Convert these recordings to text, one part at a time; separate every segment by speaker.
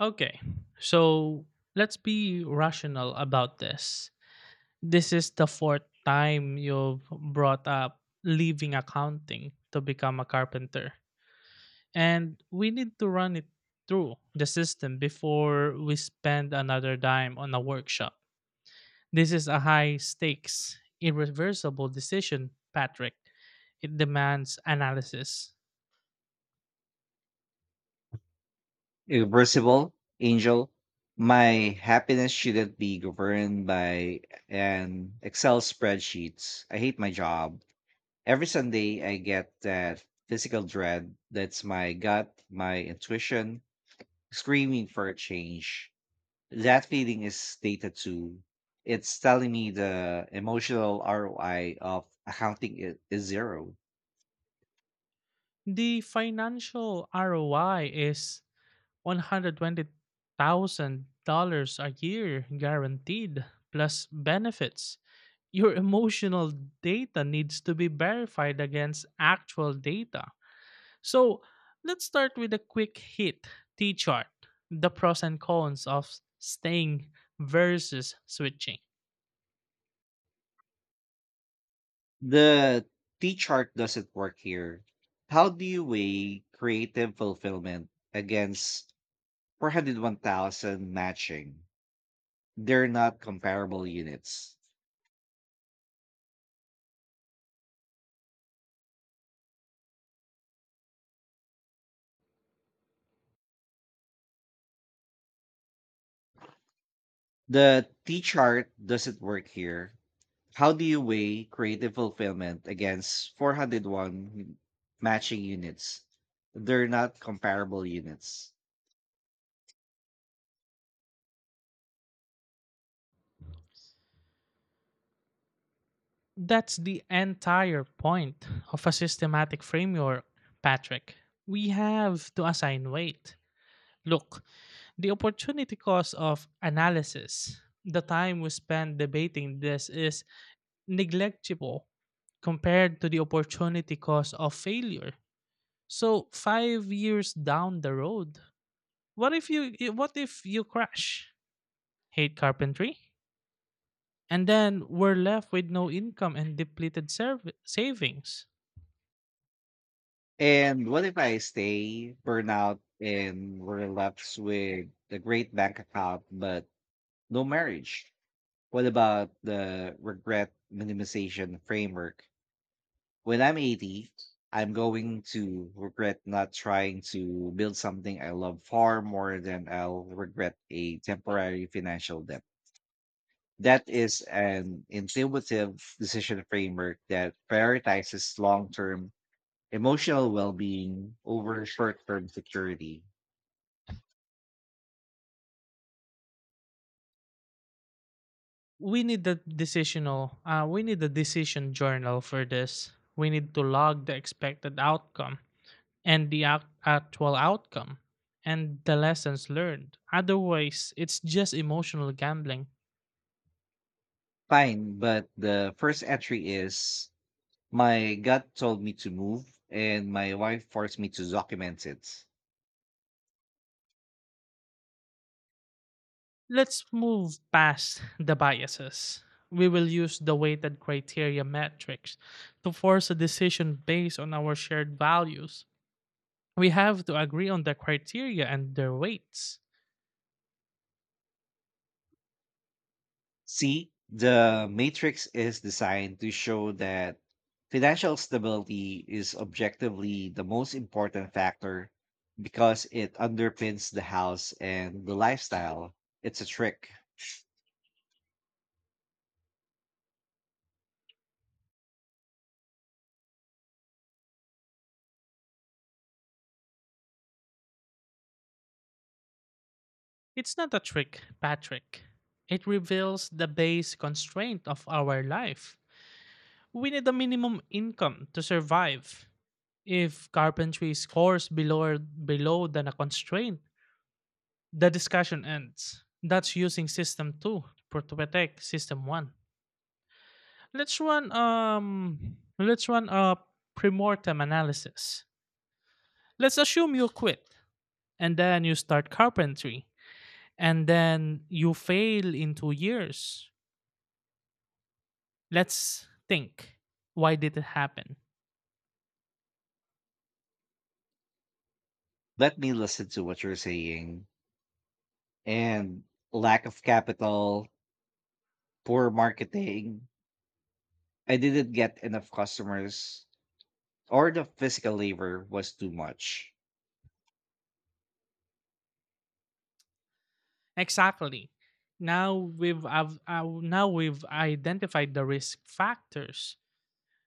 Speaker 1: Okay, so let's be rational about this. This is the fourth time you've brought up leaving accounting to become a carpenter. And we need to run it through the system before we spend another dime on a workshop. This is a high stakes, irreversible decision, Patrick. It demands analysis.
Speaker 2: Irreversible. Angel, my happiness shouldn't be governed by an Excel spreadsheets. I hate my job. Every Sunday I get that physical dread. That's my gut, my intuition screaming for a change. That feeling is data too. It's telling me the emotional ROI of accounting is zero.
Speaker 1: The financial ROI is $120,000 a year guaranteed, plus benefits. Your emotional data needs to be verified against actual data. So let's start with a quick hit T chart, the pros and cons of staying versus switching.
Speaker 2: The T chart doesn't work here. How do you weigh creative fulfillment against 401,000 matching? They're not comparable units. The T chart doesn't work here. How do you weigh creative fulfillment against 401 matching units? They're not comparable units.
Speaker 1: That's the entire point of a systematic framework, Patrick. We have to assign weight. Look, the opportunity cost of analysis, the time we spend debating this, is negligible compared to the opportunity cost of failure. So 5 years down the road, what if you crash? Hate carpentry? And then we're left with no income and depleted savings.
Speaker 2: And what if I stay, burn out, and we're left with a great bank account, but no marriage. What about the regret minimization framework? When I'm 80, I'm going to regret not trying to build something I love far more than I'll regret a temporary financial debt. That is an intuitive decision framework that prioritizes long term emotional well being over short term security.
Speaker 1: We need a decision journal for this. We need to log the expected outcome and the actual outcome and the lessons learned. Otherwise, it's just emotional gambling.
Speaker 2: Fine, but the first entry is, my gut told me to move, and my wife forced me to document it.
Speaker 1: Let's move past the biases. We will use the weighted criteria metrics to force a decision based on our shared values. We have to agree on the criteria and their weights.
Speaker 2: See, the matrix is designed to show that financial stability is objectively the most important factor because it underpins the house and the lifestyle. It's a trick.
Speaker 1: It's not a trick, Patrick. It reveals the base constraint of our life. We need a minimum income to survive. If carpentry scores below than a constraint, the discussion ends. That's using system two to protect system one. Let's run a premortem analysis. Let's assume you quit and then you start carpentry and then you fail in 2 years. Let's think. Why did it happen?
Speaker 2: Let me listen to what you're saying. And lack of capital, poor marketing. I didn't get enough customers, or the physical labor was too much.
Speaker 1: Exactly. now we've I've, uh, Now we've identified the risk factors.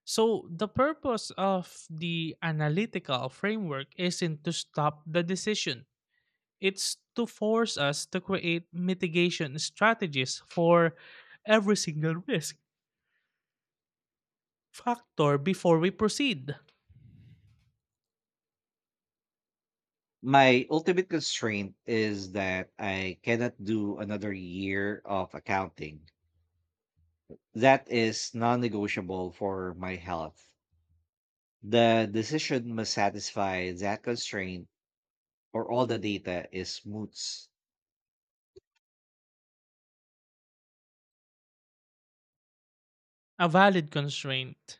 Speaker 1: So, the purpose of the analytical framework isn't to stop the decision, it's to force us to create mitigation strategies for every single risk factor before we proceed.
Speaker 2: My ultimate constraint is that I cannot do another year of accounting. That is non negotiable for my health. The decision must satisfy that constraint, or all the data is moots.
Speaker 1: A valid constraint.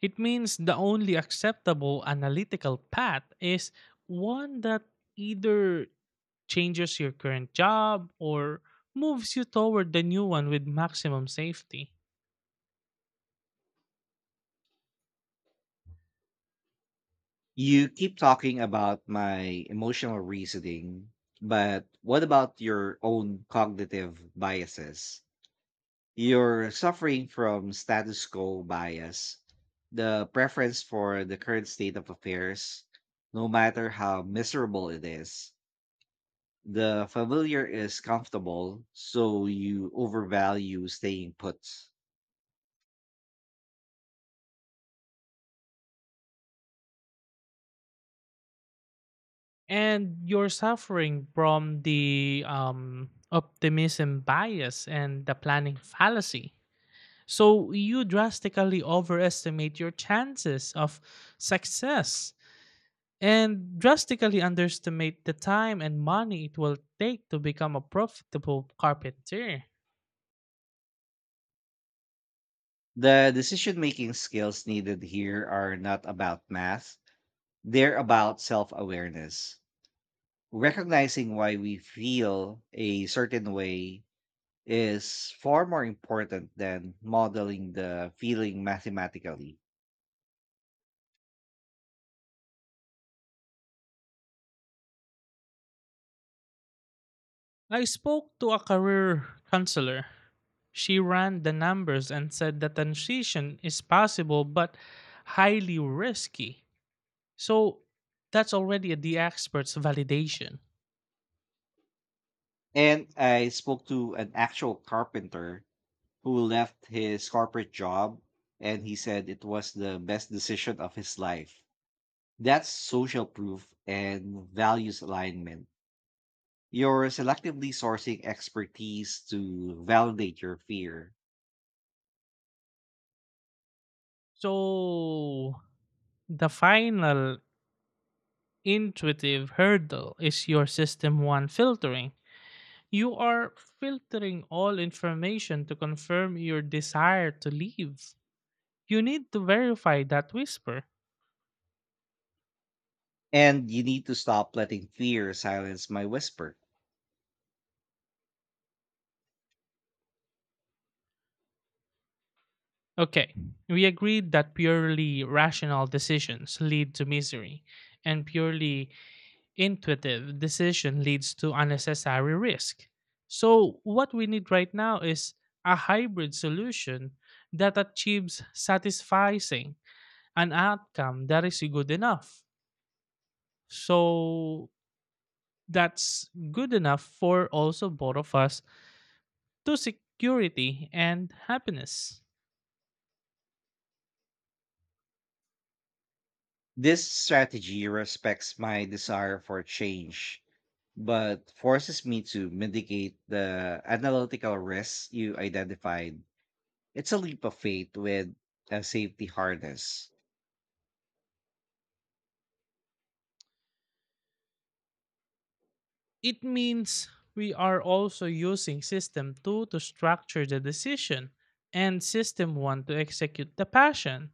Speaker 1: It means the only acceptable analytical path is one that either changes your current job, or moves you toward the new one with maximum safety.
Speaker 2: You keep talking about my emotional reasoning, but what about your own cognitive biases? You're suffering from status quo bias, the preference for the current state of affairs, no matter how miserable it is. The familiar is comfortable, so you overvalue staying put.
Speaker 1: And you're suffering from the optimism bias and the planning fallacy. So you drastically overestimate your chances of success and drastically underestimate the time and money it will take to become a profitable carpenter.
Speaker 2: The decision making skills needed here are not about math, they're about self awareness recognizing why we feel a certain way is far more important than modeling the feeling mathematically.
Speaker 1: I spoke to a career counselor. She ran the numbers and said the transition is possible but highly risky. So that's already the expert's validation.
Speaker 2: And I spoke to an actual carpenter who left his corporate job and he said it was the best decision of his life. That's social proof and values alignment. You're selectively sourcing expertise to validate your fear.
Speaker 1: So the final intuitive hurdle is your system one filtering. You are filtering all information to confirm your desire to leave. You need to verify that whisper.
Speaker 2: And you need to stop letting fear silence my whisper.
Speaker 1: Okay, we agreed that purely rational decisions lead to misery, and purely intuitive decision leads to unnecessary risk. So, what we need right now is a hybrid solution that achieves satisfying an outcome that is good enough. So, that's good enough for also both of us, to security and happiness.
Speaker 2: This strategy respects my desire for change, but forces me to mitigate the analytical risks you identified. It's a leap of faith with a safety harness.
Speaker 1: It means we are also using system 2 to structure the decision and system 1 to execute the passion.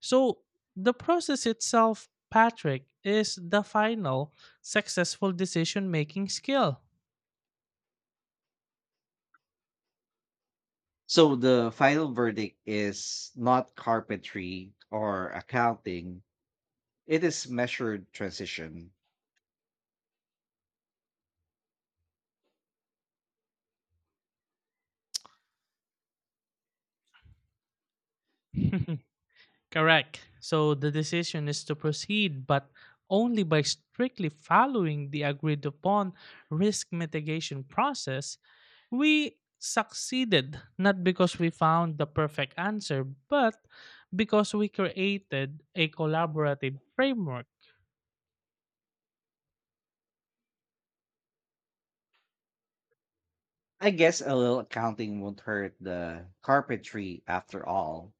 Speaker 1: So the process itself, Patrick, is the final successful decision making skill.
Speaker 2: So the final verdict is not carpentry or accounting, it is measured transition.
Speaker 1: Correct. So the decision is to proceed, but only by strictly following the agreed upon risk mitigation process. We succeeded not because we found the perfect answer, but because we created a collaborative framework.
Speaker 2: I guess a little accounting won't hurt the carpentry after all.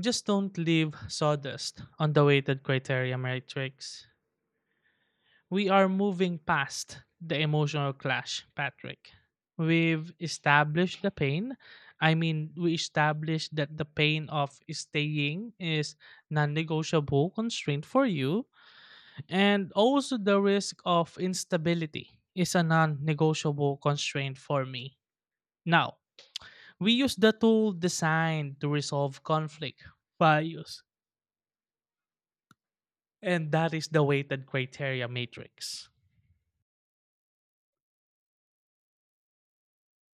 Speaker 1: Just don't leave sawdust on the weighted criteria matrix. We are moving past the emotional clash, Patrick. We've established the pain. I mean, we established that the pain of staying is non negotiable constraint for you, and also the risk of instability is a non negotiable constraint for me. Now, we use the tool designed to resolve conflict, values, and that is the weighted criteria matrix.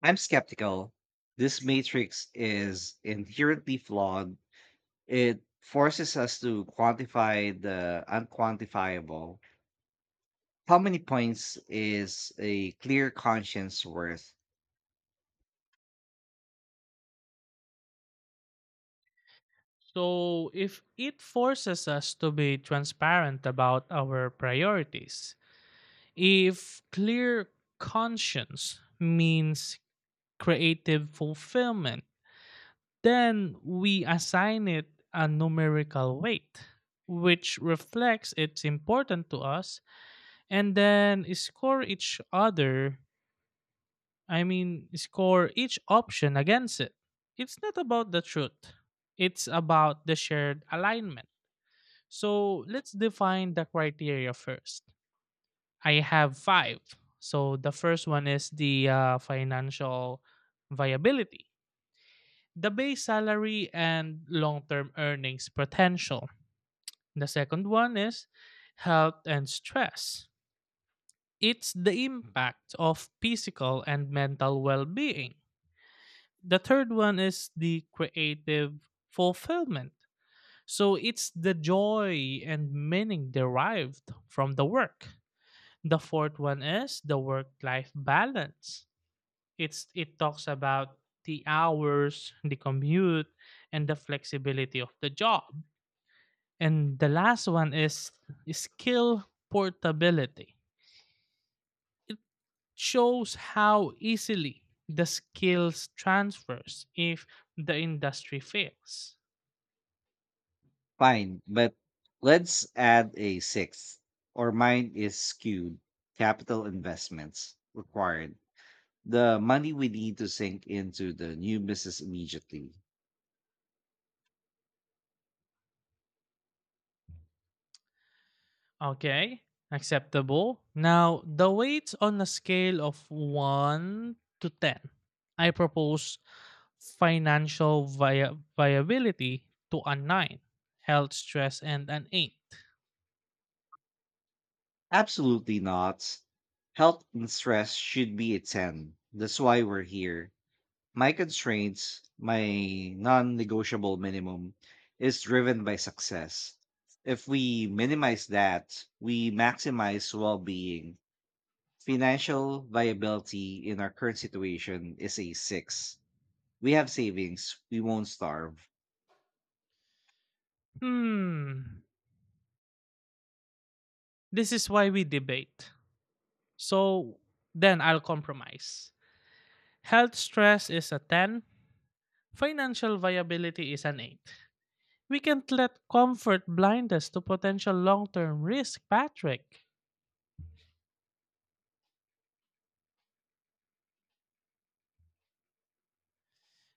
Speaker 2: I'm skeptical. This matrix is inherently flawed. It forces us to quantify the unquantifiable. How many points is a clear conscience worth?
Speaker 1: So, if it forces us to be transparent about our priorities, if clear conscience means creative fulfillment, then we assign it a numerical weight, which reflects it's important to us, and then score each other, I mean, score each option against it. It's not about the truth, it's about the shared alignment. So let's define the criteria first. I have five. So the first one is the financial viability, the base salary, and long term earnings potential. The second one is health and stress. It's the impact of physical and mental well being. The third one is the creative fulfillment. So it's the joy and meaning derived from the work. The fourth one is the work-life balance. It talks about the hours, the commute, and the flexibility of the job. And the last one is skill portability. It shows how easily the skills transfers if the industry fails.
Speaker 2: Fine, but let's add a sixth, or mine is skewed. Capital investments required. The money we need to sink into the new business immediately.
Speaker 1: Okay, acceptable. Now, the weights on a scale of 1 to 10. I propose financial viability to a 9, health stress, and an 8.
Speaker 2: Absolutely not. Health and stress should be a 10. That's why we're here. My constraints, my non-negotiable minimum, is driven by success. If we minimize that, we maximize well-being. Financial viability in our current situation is a six. We have savings. We won't starve.
Speaker 1: Hmm, this is why we debate. So, then I'll compromise. Health stress is a 10, financial viability is an 8. We can't let comfort blind us to potential long term risk, Patrick.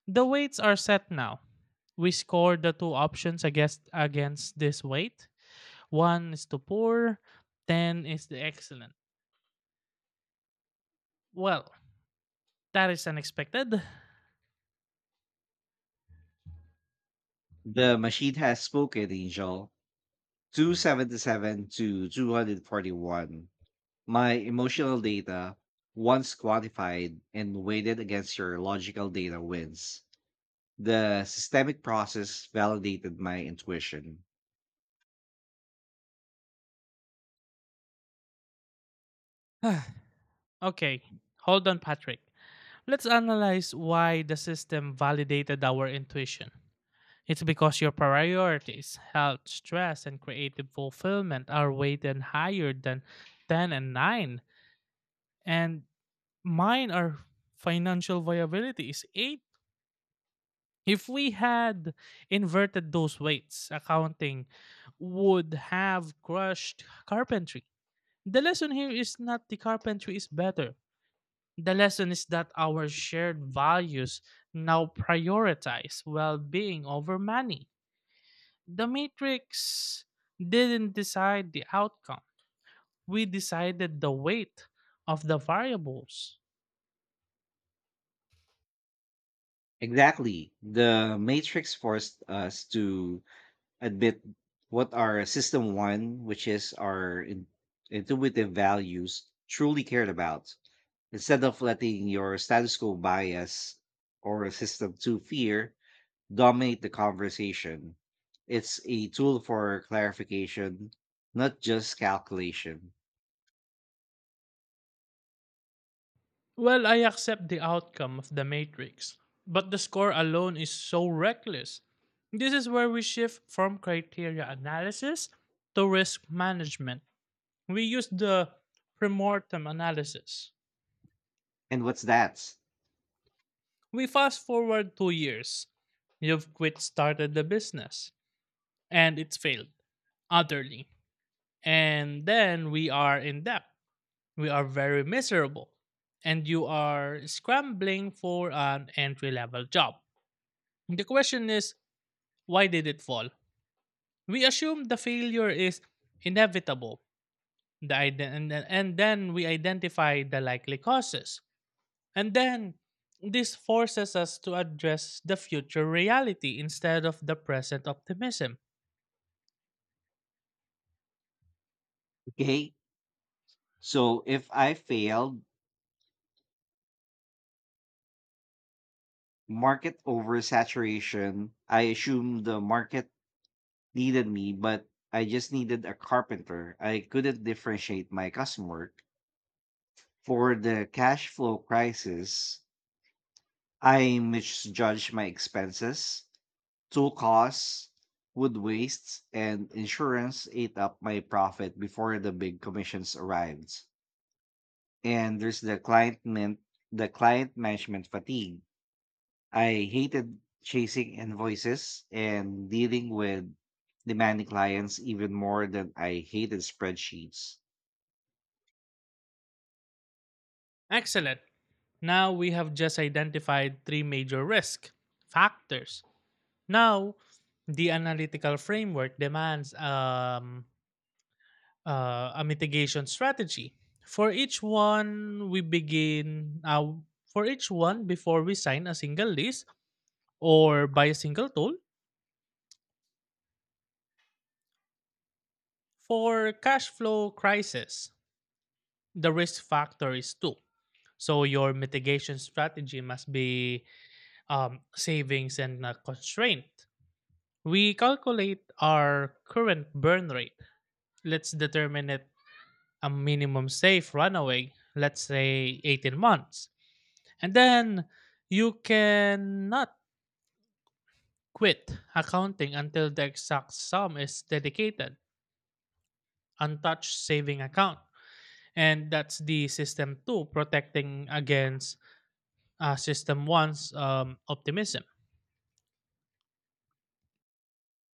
Speaker 1: The weights are set now. We score the two options against this weight. One is the poor, 10 is the excellent. Well, that is unexpected.
Speaker 2: The machine has spoken, Angel. 277 to 241. My emotional data, once quantified and weighted against your logical data, wins. The systemic process validated my intuition.
Speaker 1: Okay, hold on, Patrick. Let's analyze why the system validated our intuition. It's because your priorities, health, stress, and creative fulfillment are weighted higher than 10 and 9. And mine are financial viability is 8. If we had inverted those weights, accounting would have crushed carpentry. The lesson here is not the carpentry is better. The lesson is that our shared values now prioritize well being over money. The matrix didn't decide the outcome, we decided the weight of the variables.
Speaker 2: Exactly. The matrix forced us to admit what our system one, which is our intuitive values, truly cared about, instead of letting your status quo bias or system two fear dominate the conversation. It's a tool for clarification, not just calculation.
Speaker 1: Well, I accept the outcome of The Matrix, but the score alone is so reckless. This is where we shift from criteria analysis to risk management. We use the premortem analysis.
Speaker 2: And what's that?
Speaker 1: We fast forward 2 years. You've quit, started the business, and it's failed utterly. And then we are in debt. We are very miserable, and you are scrambling for an entry level job. The question is, why did it fall? We assume the failure is inevitable, the ide- and then we identify the likely causes. And then this forces us to address the future reality instead of the present optimism.
Speaker 2: Okay. So if I failed, market oversaturation. I assumed the market needed me, but I just needed a carpenter. I couldn't differentiate my customer. For the cash flow crisis, I misjudged my expenses. Tool costs, wood wastes, and insurance ate up my profit before the big commissions arrived. And there's the client management fatigue. I hated chasing invoices and dealing with demanding clients even more than I hated spreadsheets.
Speaker 1: Excellent. Now we have just identified three major risk factors. Now, the analytical framework demands a mitigation strategy. For each one, we begin for each one, before we sign a single lease or buy a single tool. For cash flow crisis, the risk factor is two. So your mitigation strategy must be savings and constraint. We calculate our current burn rate. Let's determine it a minimum safe runaway. Let's say 18 months. And then you cannot quit accounting until the exact sum is dedicated, untouched saving account. And that's the system two, protecting against system one's optimism.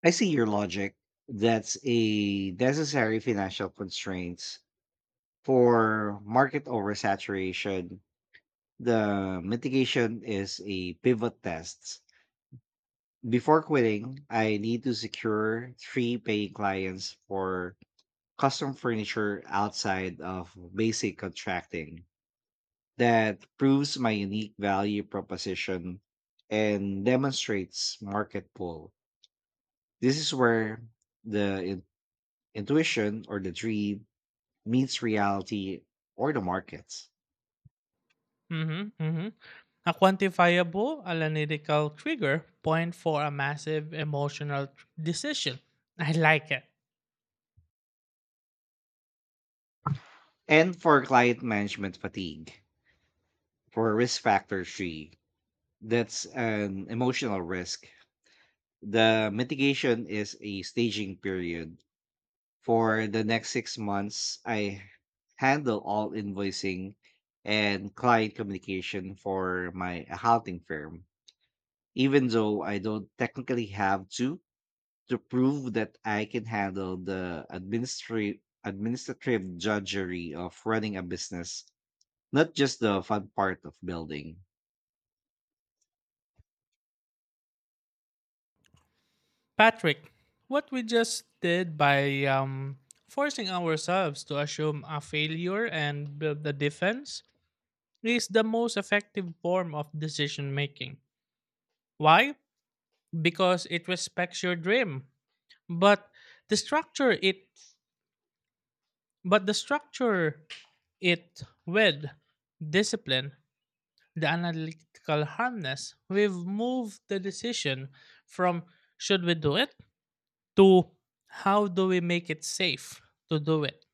Speaker 2: I see your logic. That's a necessary financial constraint for market oversaturation. The mitigation is a pivot test. Before quitting, I need to secure three paying clients for custom furniture outside of basic contracting. That proves my unique value proposition and demonstrates market pull. This is where the intuition or the dream meets reality or the markets.
Speaker 1: Mm-hmm, mm-hmm. A quantifiable analytical trigger point for a massive emotional decision. I like it.
Speaker 2: And for client management fatigue, for risk factor three, that's an emotional risk. The mitigation is a staging period. For the next 6 months, I handle all invoicing and client communication for my accounting firm, even though I don't technically have to prove that I can handle the administrative drudgery of running a business, not just the fun part of building.
Speaker 1: Patrick, what we just did by forcing ourselves to assume a failure and build the defense is the most effective form of decision making. Why? Because it respects your dream, but the structure it but the structure it with discipline, the analytical harness. We've moved the decision from should we do it to how do we make it safe to do it.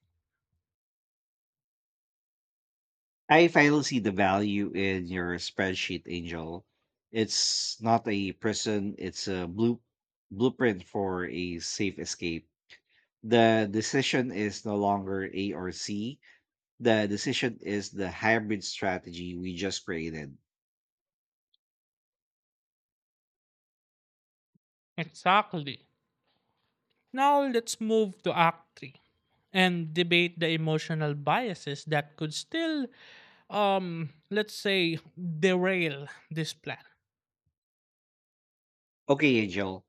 Speaker 2: I finally see the value in your spreadsheet, Angel. It's not a prison, it's a blueprint for a safe escape. The decision is no longer A or C. The decision is the hybrid strategy we just created.
Speaker 1: Exactly. Now let's move to Act 3 and debate the emotional biases that could still, let's say, derail this plan.
Speaker 2: Okay, Angel.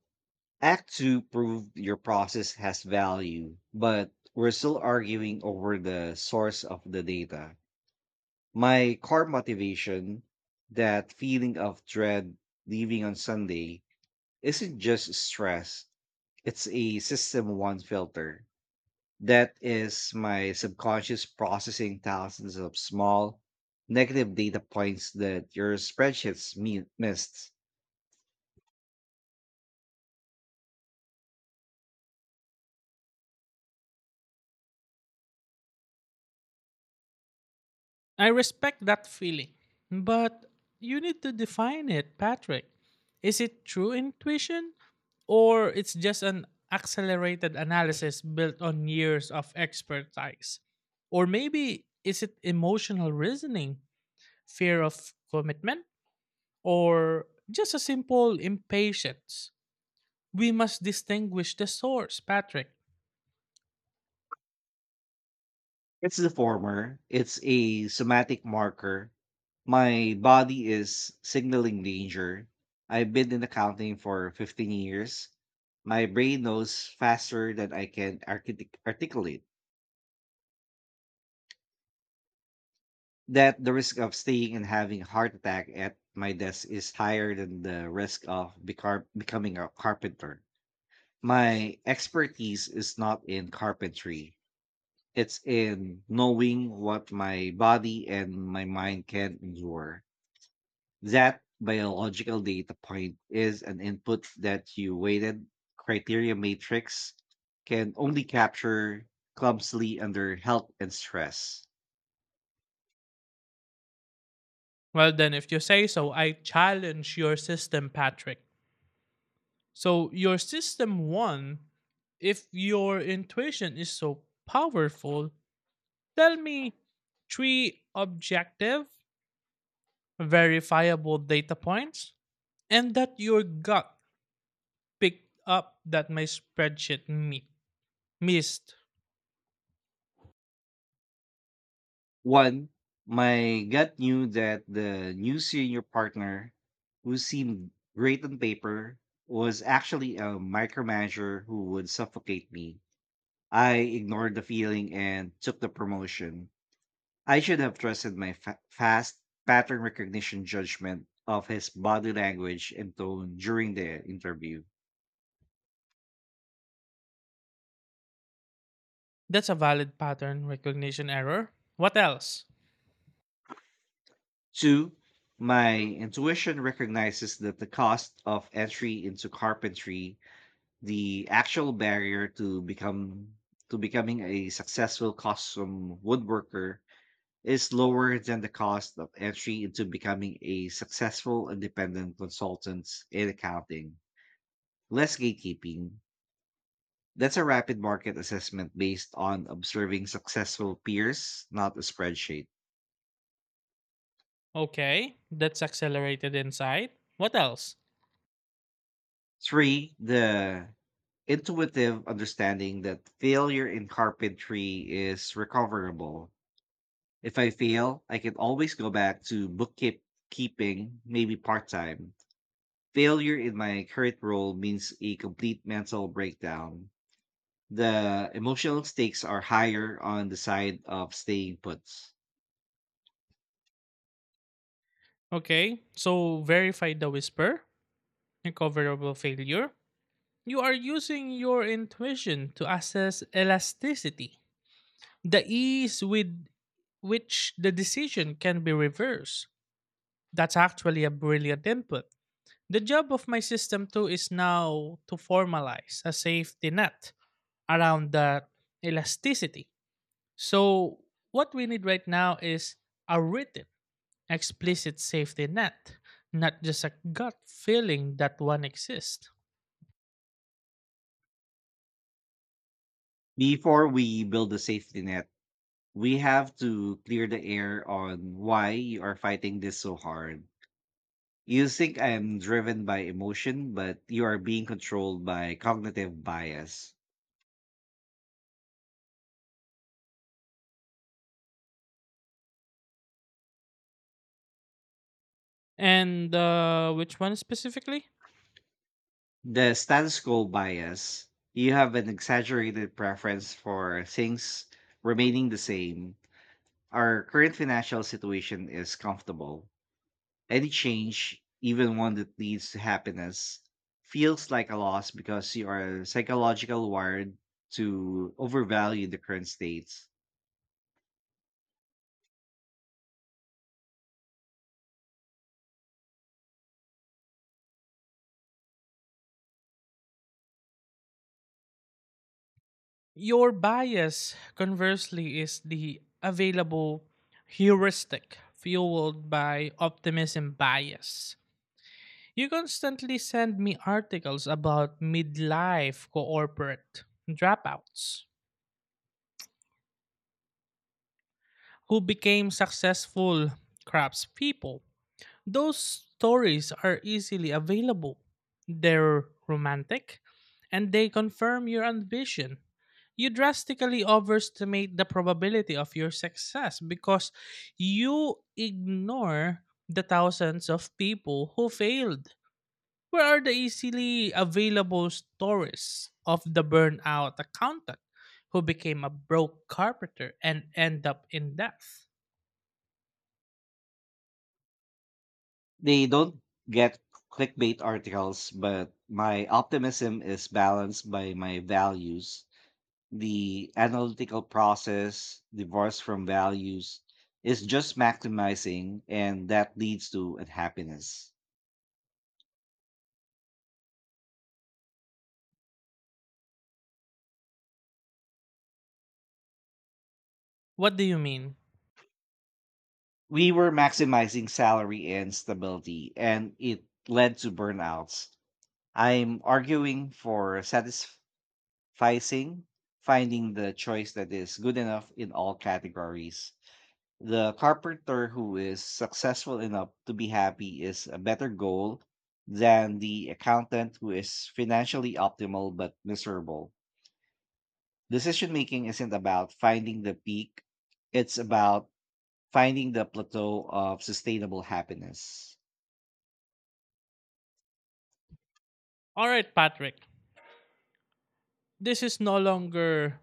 Speaker 2: Act 2 proved your process has value, but we're still arguing over the source of the data. My core motivation, that feeling of dread leaving on Sunday, isn't just stress, it's a system one filter. That is my subconscious processing thousands of small negative data points that your spreadsheets missed.
Speaker 1: I respect that feeling, but you need to define it, Patrick. Is it true intuition or it's just an accelerated analysis built on years of expertise? Or maybe is it emotional reasoning, fear of commitment? Or just a simple impatience. We must distinguish the source, Patrick.
Speaker 2: It's the former, it's a somatic marker. My body is signaling danger. I've been in accounting for 15 years. My brain knows faster than I can articulate that the risk of staying and having a heart attack at my desk is higher than the risk of becoming a carpenter. My expertise is not in carpentry, it's in knowing what my body and my mind can endure. That biological data point is an input that you weighted criteria matrix can only capture clumsily under health and stress.
Speaker 1: Well, then, if you say so, I challenge your system, Patrick. So, your system won. If your intuition is so powerful, tell me three objective, verifiable data points, and that your gut picked up that my spreadsheet missed.
Speaker 2: One, my gut knew that the new senior partner, who seemed great on paper, was actually a micromanager who would suffocate me. I ignored the feeling and took the promotion. I should have trusted my fast pattern recognition judgment of his body language and tone during the interview.
Speaker 1: That's a valid pattern recognition error. What else?
Speaker 2: Two, my intuition recognizes that the cost of entry into carpentry. The actual barrier to becoming a successful custom woodworker is lower than the cost of entry into becoming a successful independent consultant in accounting. Less gatekeeping. That's a rapid market assessment based on observing successful peers, not a spreadsheet.
Speaker 1: Okay, that's accelerated insight. What else?
Speaker 2: Three, the intuitive understanding that failure in carpentry is recoverable. If I fail, I can always go back to bookkeep keeping, maybe part time. Failure in my current role means a complete mental breakdown. The emotional stakes are higher on the side of staying put.
Speaker 1: Okay, so verify the whisper, recoverable failure. You are using your intuition to assess elasticity, the ease with which the decision can be reversed. That's actually a brilliant input. The job of my system too is now to formalize a safety net around that elasticity. So, what we need right now is a written explicit safety net, not just a gut feeling that one exists.
Speaker 2: Before we build a safety net, we have to clear the air on why you are fighting this so hard. You think I am driven by emotion, but you are being controlled by cognitive bias.
Speaker 1: And which one specifically?
Speaker 2: The status quo bias, you have an exaggerated preference for things remaining the same. Our current financial situation is comfortable. Any change, even one that leads to happiness, feels like a loss because you are psychologically wired to overvalue the current state.
Speaker 1: Your bias, conversely, is the available heuristic fueled by optimism bias. You constantly send me articles about midlife corporate dropouts who became successful craftspeople. Those stories are easily available. They're romantic and they confirm your ambition. You drastically overestimate the probability of your success because you ignore the thousands of people who failed. Where are the easily available stories of the burnout accountant who became a broke carpenter and end up in death?
Speaker 2: They don't get clickbait articles, but my optimism is balanced by my values. The analytical process divorced from values is just maximizing, and that leads to unhappiness.
Speaker 1: What do you mean?
Speaker 2: We were maximizing salary and stability, and it led to burnouts. I'm arguing for satisfying, finding the choice that is good enough in all categories. The carpenter who is successful enough to be happy is a better goal than the accountant who is financially optimal but miserable. Decision making isn't about finding the peak, it's about finding the plateau of sustainable happiness.
Speaker 1: All right, Patrick. This is no longer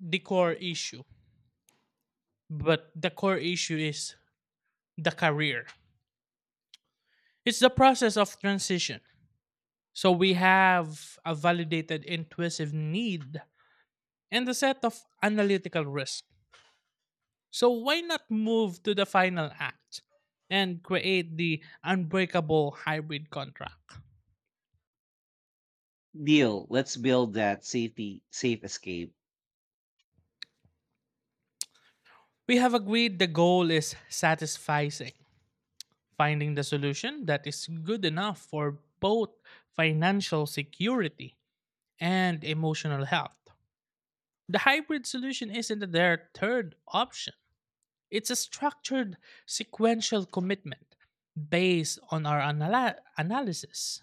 Speaker 1: the core issue, but the core issue is the career. It's the process of transition. So we have a validated intuitive need and a set of analytical risk. So why not move to the final act and create the unbreakable hybrid contract?
Speaker 2: Deal, let's build that safe escape.
Speaker 1: We have agreed the goal is satisfying, finding the solution that is good enough for both financial security and emotional health. The hybrid solution isn't their third option. It's a structured sequential commitment based on our analysis.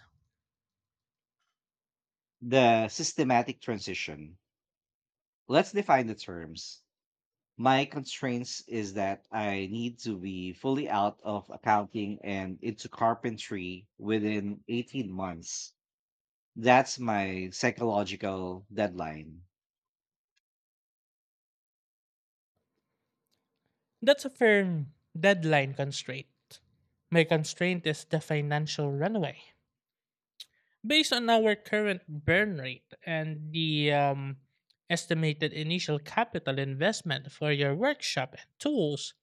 Speaker 2: The systematic transition. Let's define the terms. My constraints is that I need to be fully out of accounting and into carpentry within 18 months. That's my psychological deadline.
Speaker 1: That's a firm deadline constraint. My constraint is the financial runway. Based on our current burn rate and the estimated initial capital investment for your workshop and tools,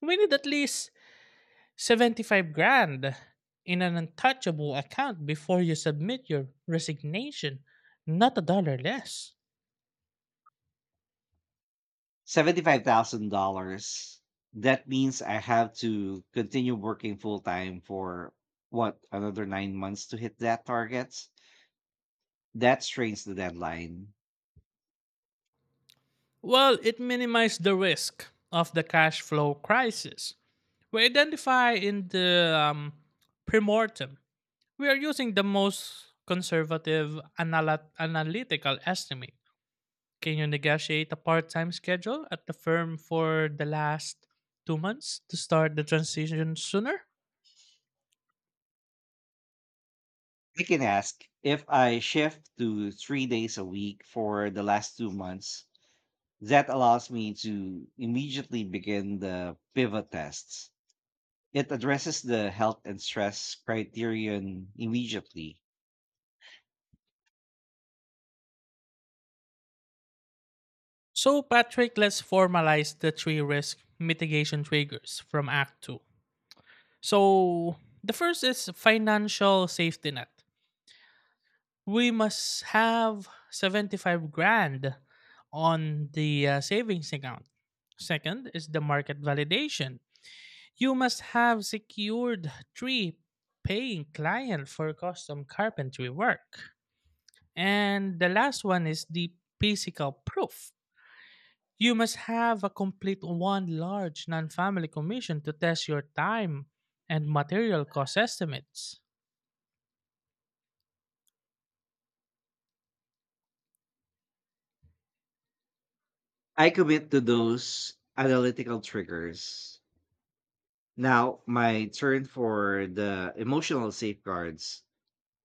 Speaker 1: we need at least 75 grand in an untouchable account before you submit your resignation, not a dollar less.
Speaker 2: $75,000. That means I have to continue working full time for what, another 9 months to hit that target? That strains the deadline.
Speaker 1: Well, it minimized the risk of the cash flow crisis. We identify in the premortem, we are using the most conservative analytical estimate. Can you negotiate a part time schedule at the firm for the last 2 months to start the transition sooner?
Speaker 2: I can ask if I shift to 3 days a week for the last 2 months, that allows me to immediately begin the pivot tests. It addresses the health and stress criterion immediately.
Speaker 1: So, Patrick, let's formalize the three risk mitigation triggers from Act 2. So, the first is financial safety net. We must have 75 grand on the savings account. Second is the market validation. You must have secured three paying clients for custom carpentry work. And the last one is the physical proof. You must have a complete one large non-family commission to test your time and material cost estimates.
Speaker 2: I commit to those analytical triggers. Now, my turn for the emotional safeguards.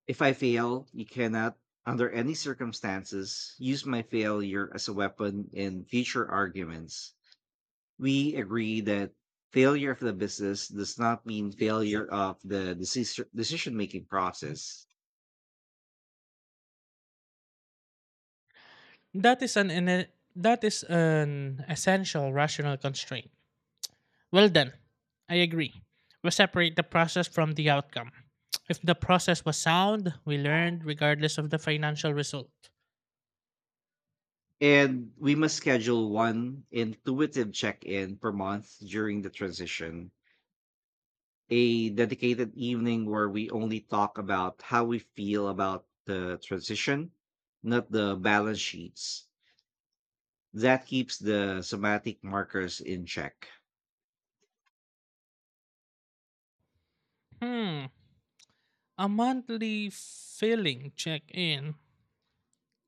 Speaker 2: If I fail, you cannot, under any circumstances, use my failure as a weapon in future arguments. We agree that failure of the business does not mean failure of the decision making process.
Speaker 1: That is an ine- that is an essential rational constraint. Well then, I agree. We separate the process from the outcome. If the process was sound, we learned regardless of the financial result.
Speaker 2: And we must schedule one intuitive check in per month during the transition, a dedicated evening where we only talk about how we feel about the transition, not the balance sheets. That keeps the somatic markers in check.
Speaker 1: Hmm. A monthly filling check-in.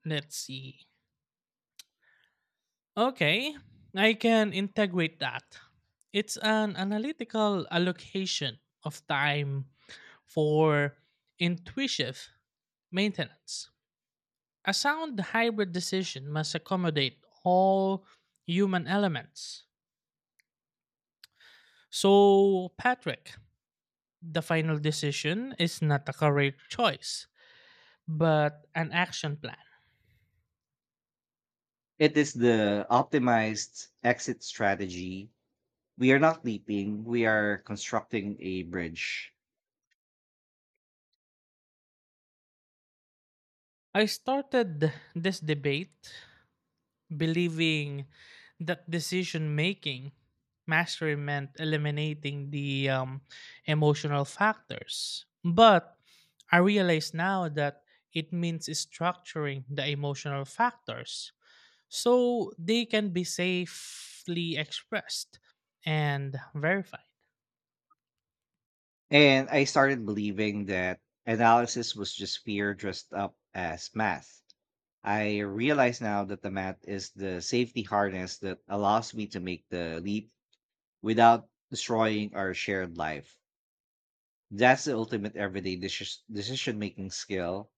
Speaker 1: Let's see. Okay, I can integrate that. It's an analytical allocation of time for intuitive maintenance. A sound hybrid decision must accommodate all human elements. So, Patrick, the final decision is not a career choice, but an action plan.
Speaker 2: It is the optimized exit strategy. We are not leaping, we are constructing a bridge.
Speaker 1: I started this debate believing that decision making mastery meant eliminating the emotional factors. But I realize now that it means structuring the emotional factors so they can be safely expressed and verified.
Speaker 2: And I started believing that analysis was just fear dressed up as math. I realize now that the math is the safety harness that allows me to make the leap without destroying our shared life. That's the ultimate everyday decision making skill,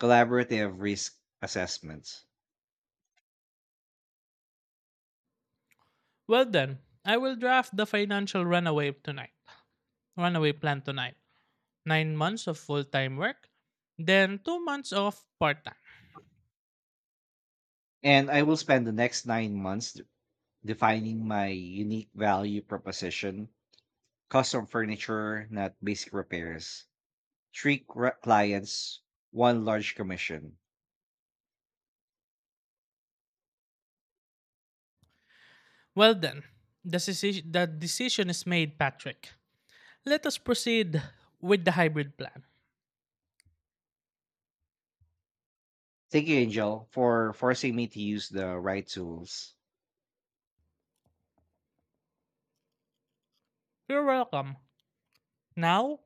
Speaker 2: collaborative risk assessment.
Speaker 1: Well, then, I will draft the financial runaway plan tonight. 9 months of full time work, then 2 months of part time.
Speaker 2: And I will spend the next 9 months defining my unique value proposition, custom furniture, not basic repairs. Three clients, one large commission.
Speaker 1: Well, then, the decision is made, Patrick. Let us proceed with the hybrid plan.
Speaker 2: Thank you, Angel, for forcing me to use the right tools.
Speaker 1: You're welcome. Now,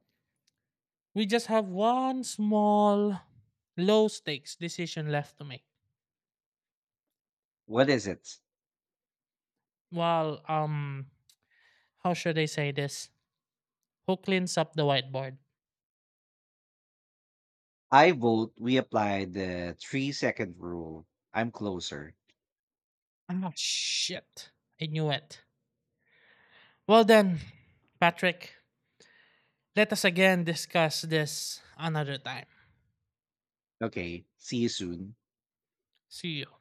Speaker 1: we just have one small, low stakes decision left to make.
Speaker 2: What is it?
Speaker 1: Well, how should I say this? Who cleans up the whiteboard?
Speaker 2: I vote we apply the 3 second rule. I'm closer.
Speaker 1: Oh shit. I knew it. Well, then, Patrick, let us again discuss this another time.
Speaker 2: Okay. See you soon.
Speaker 1: See you.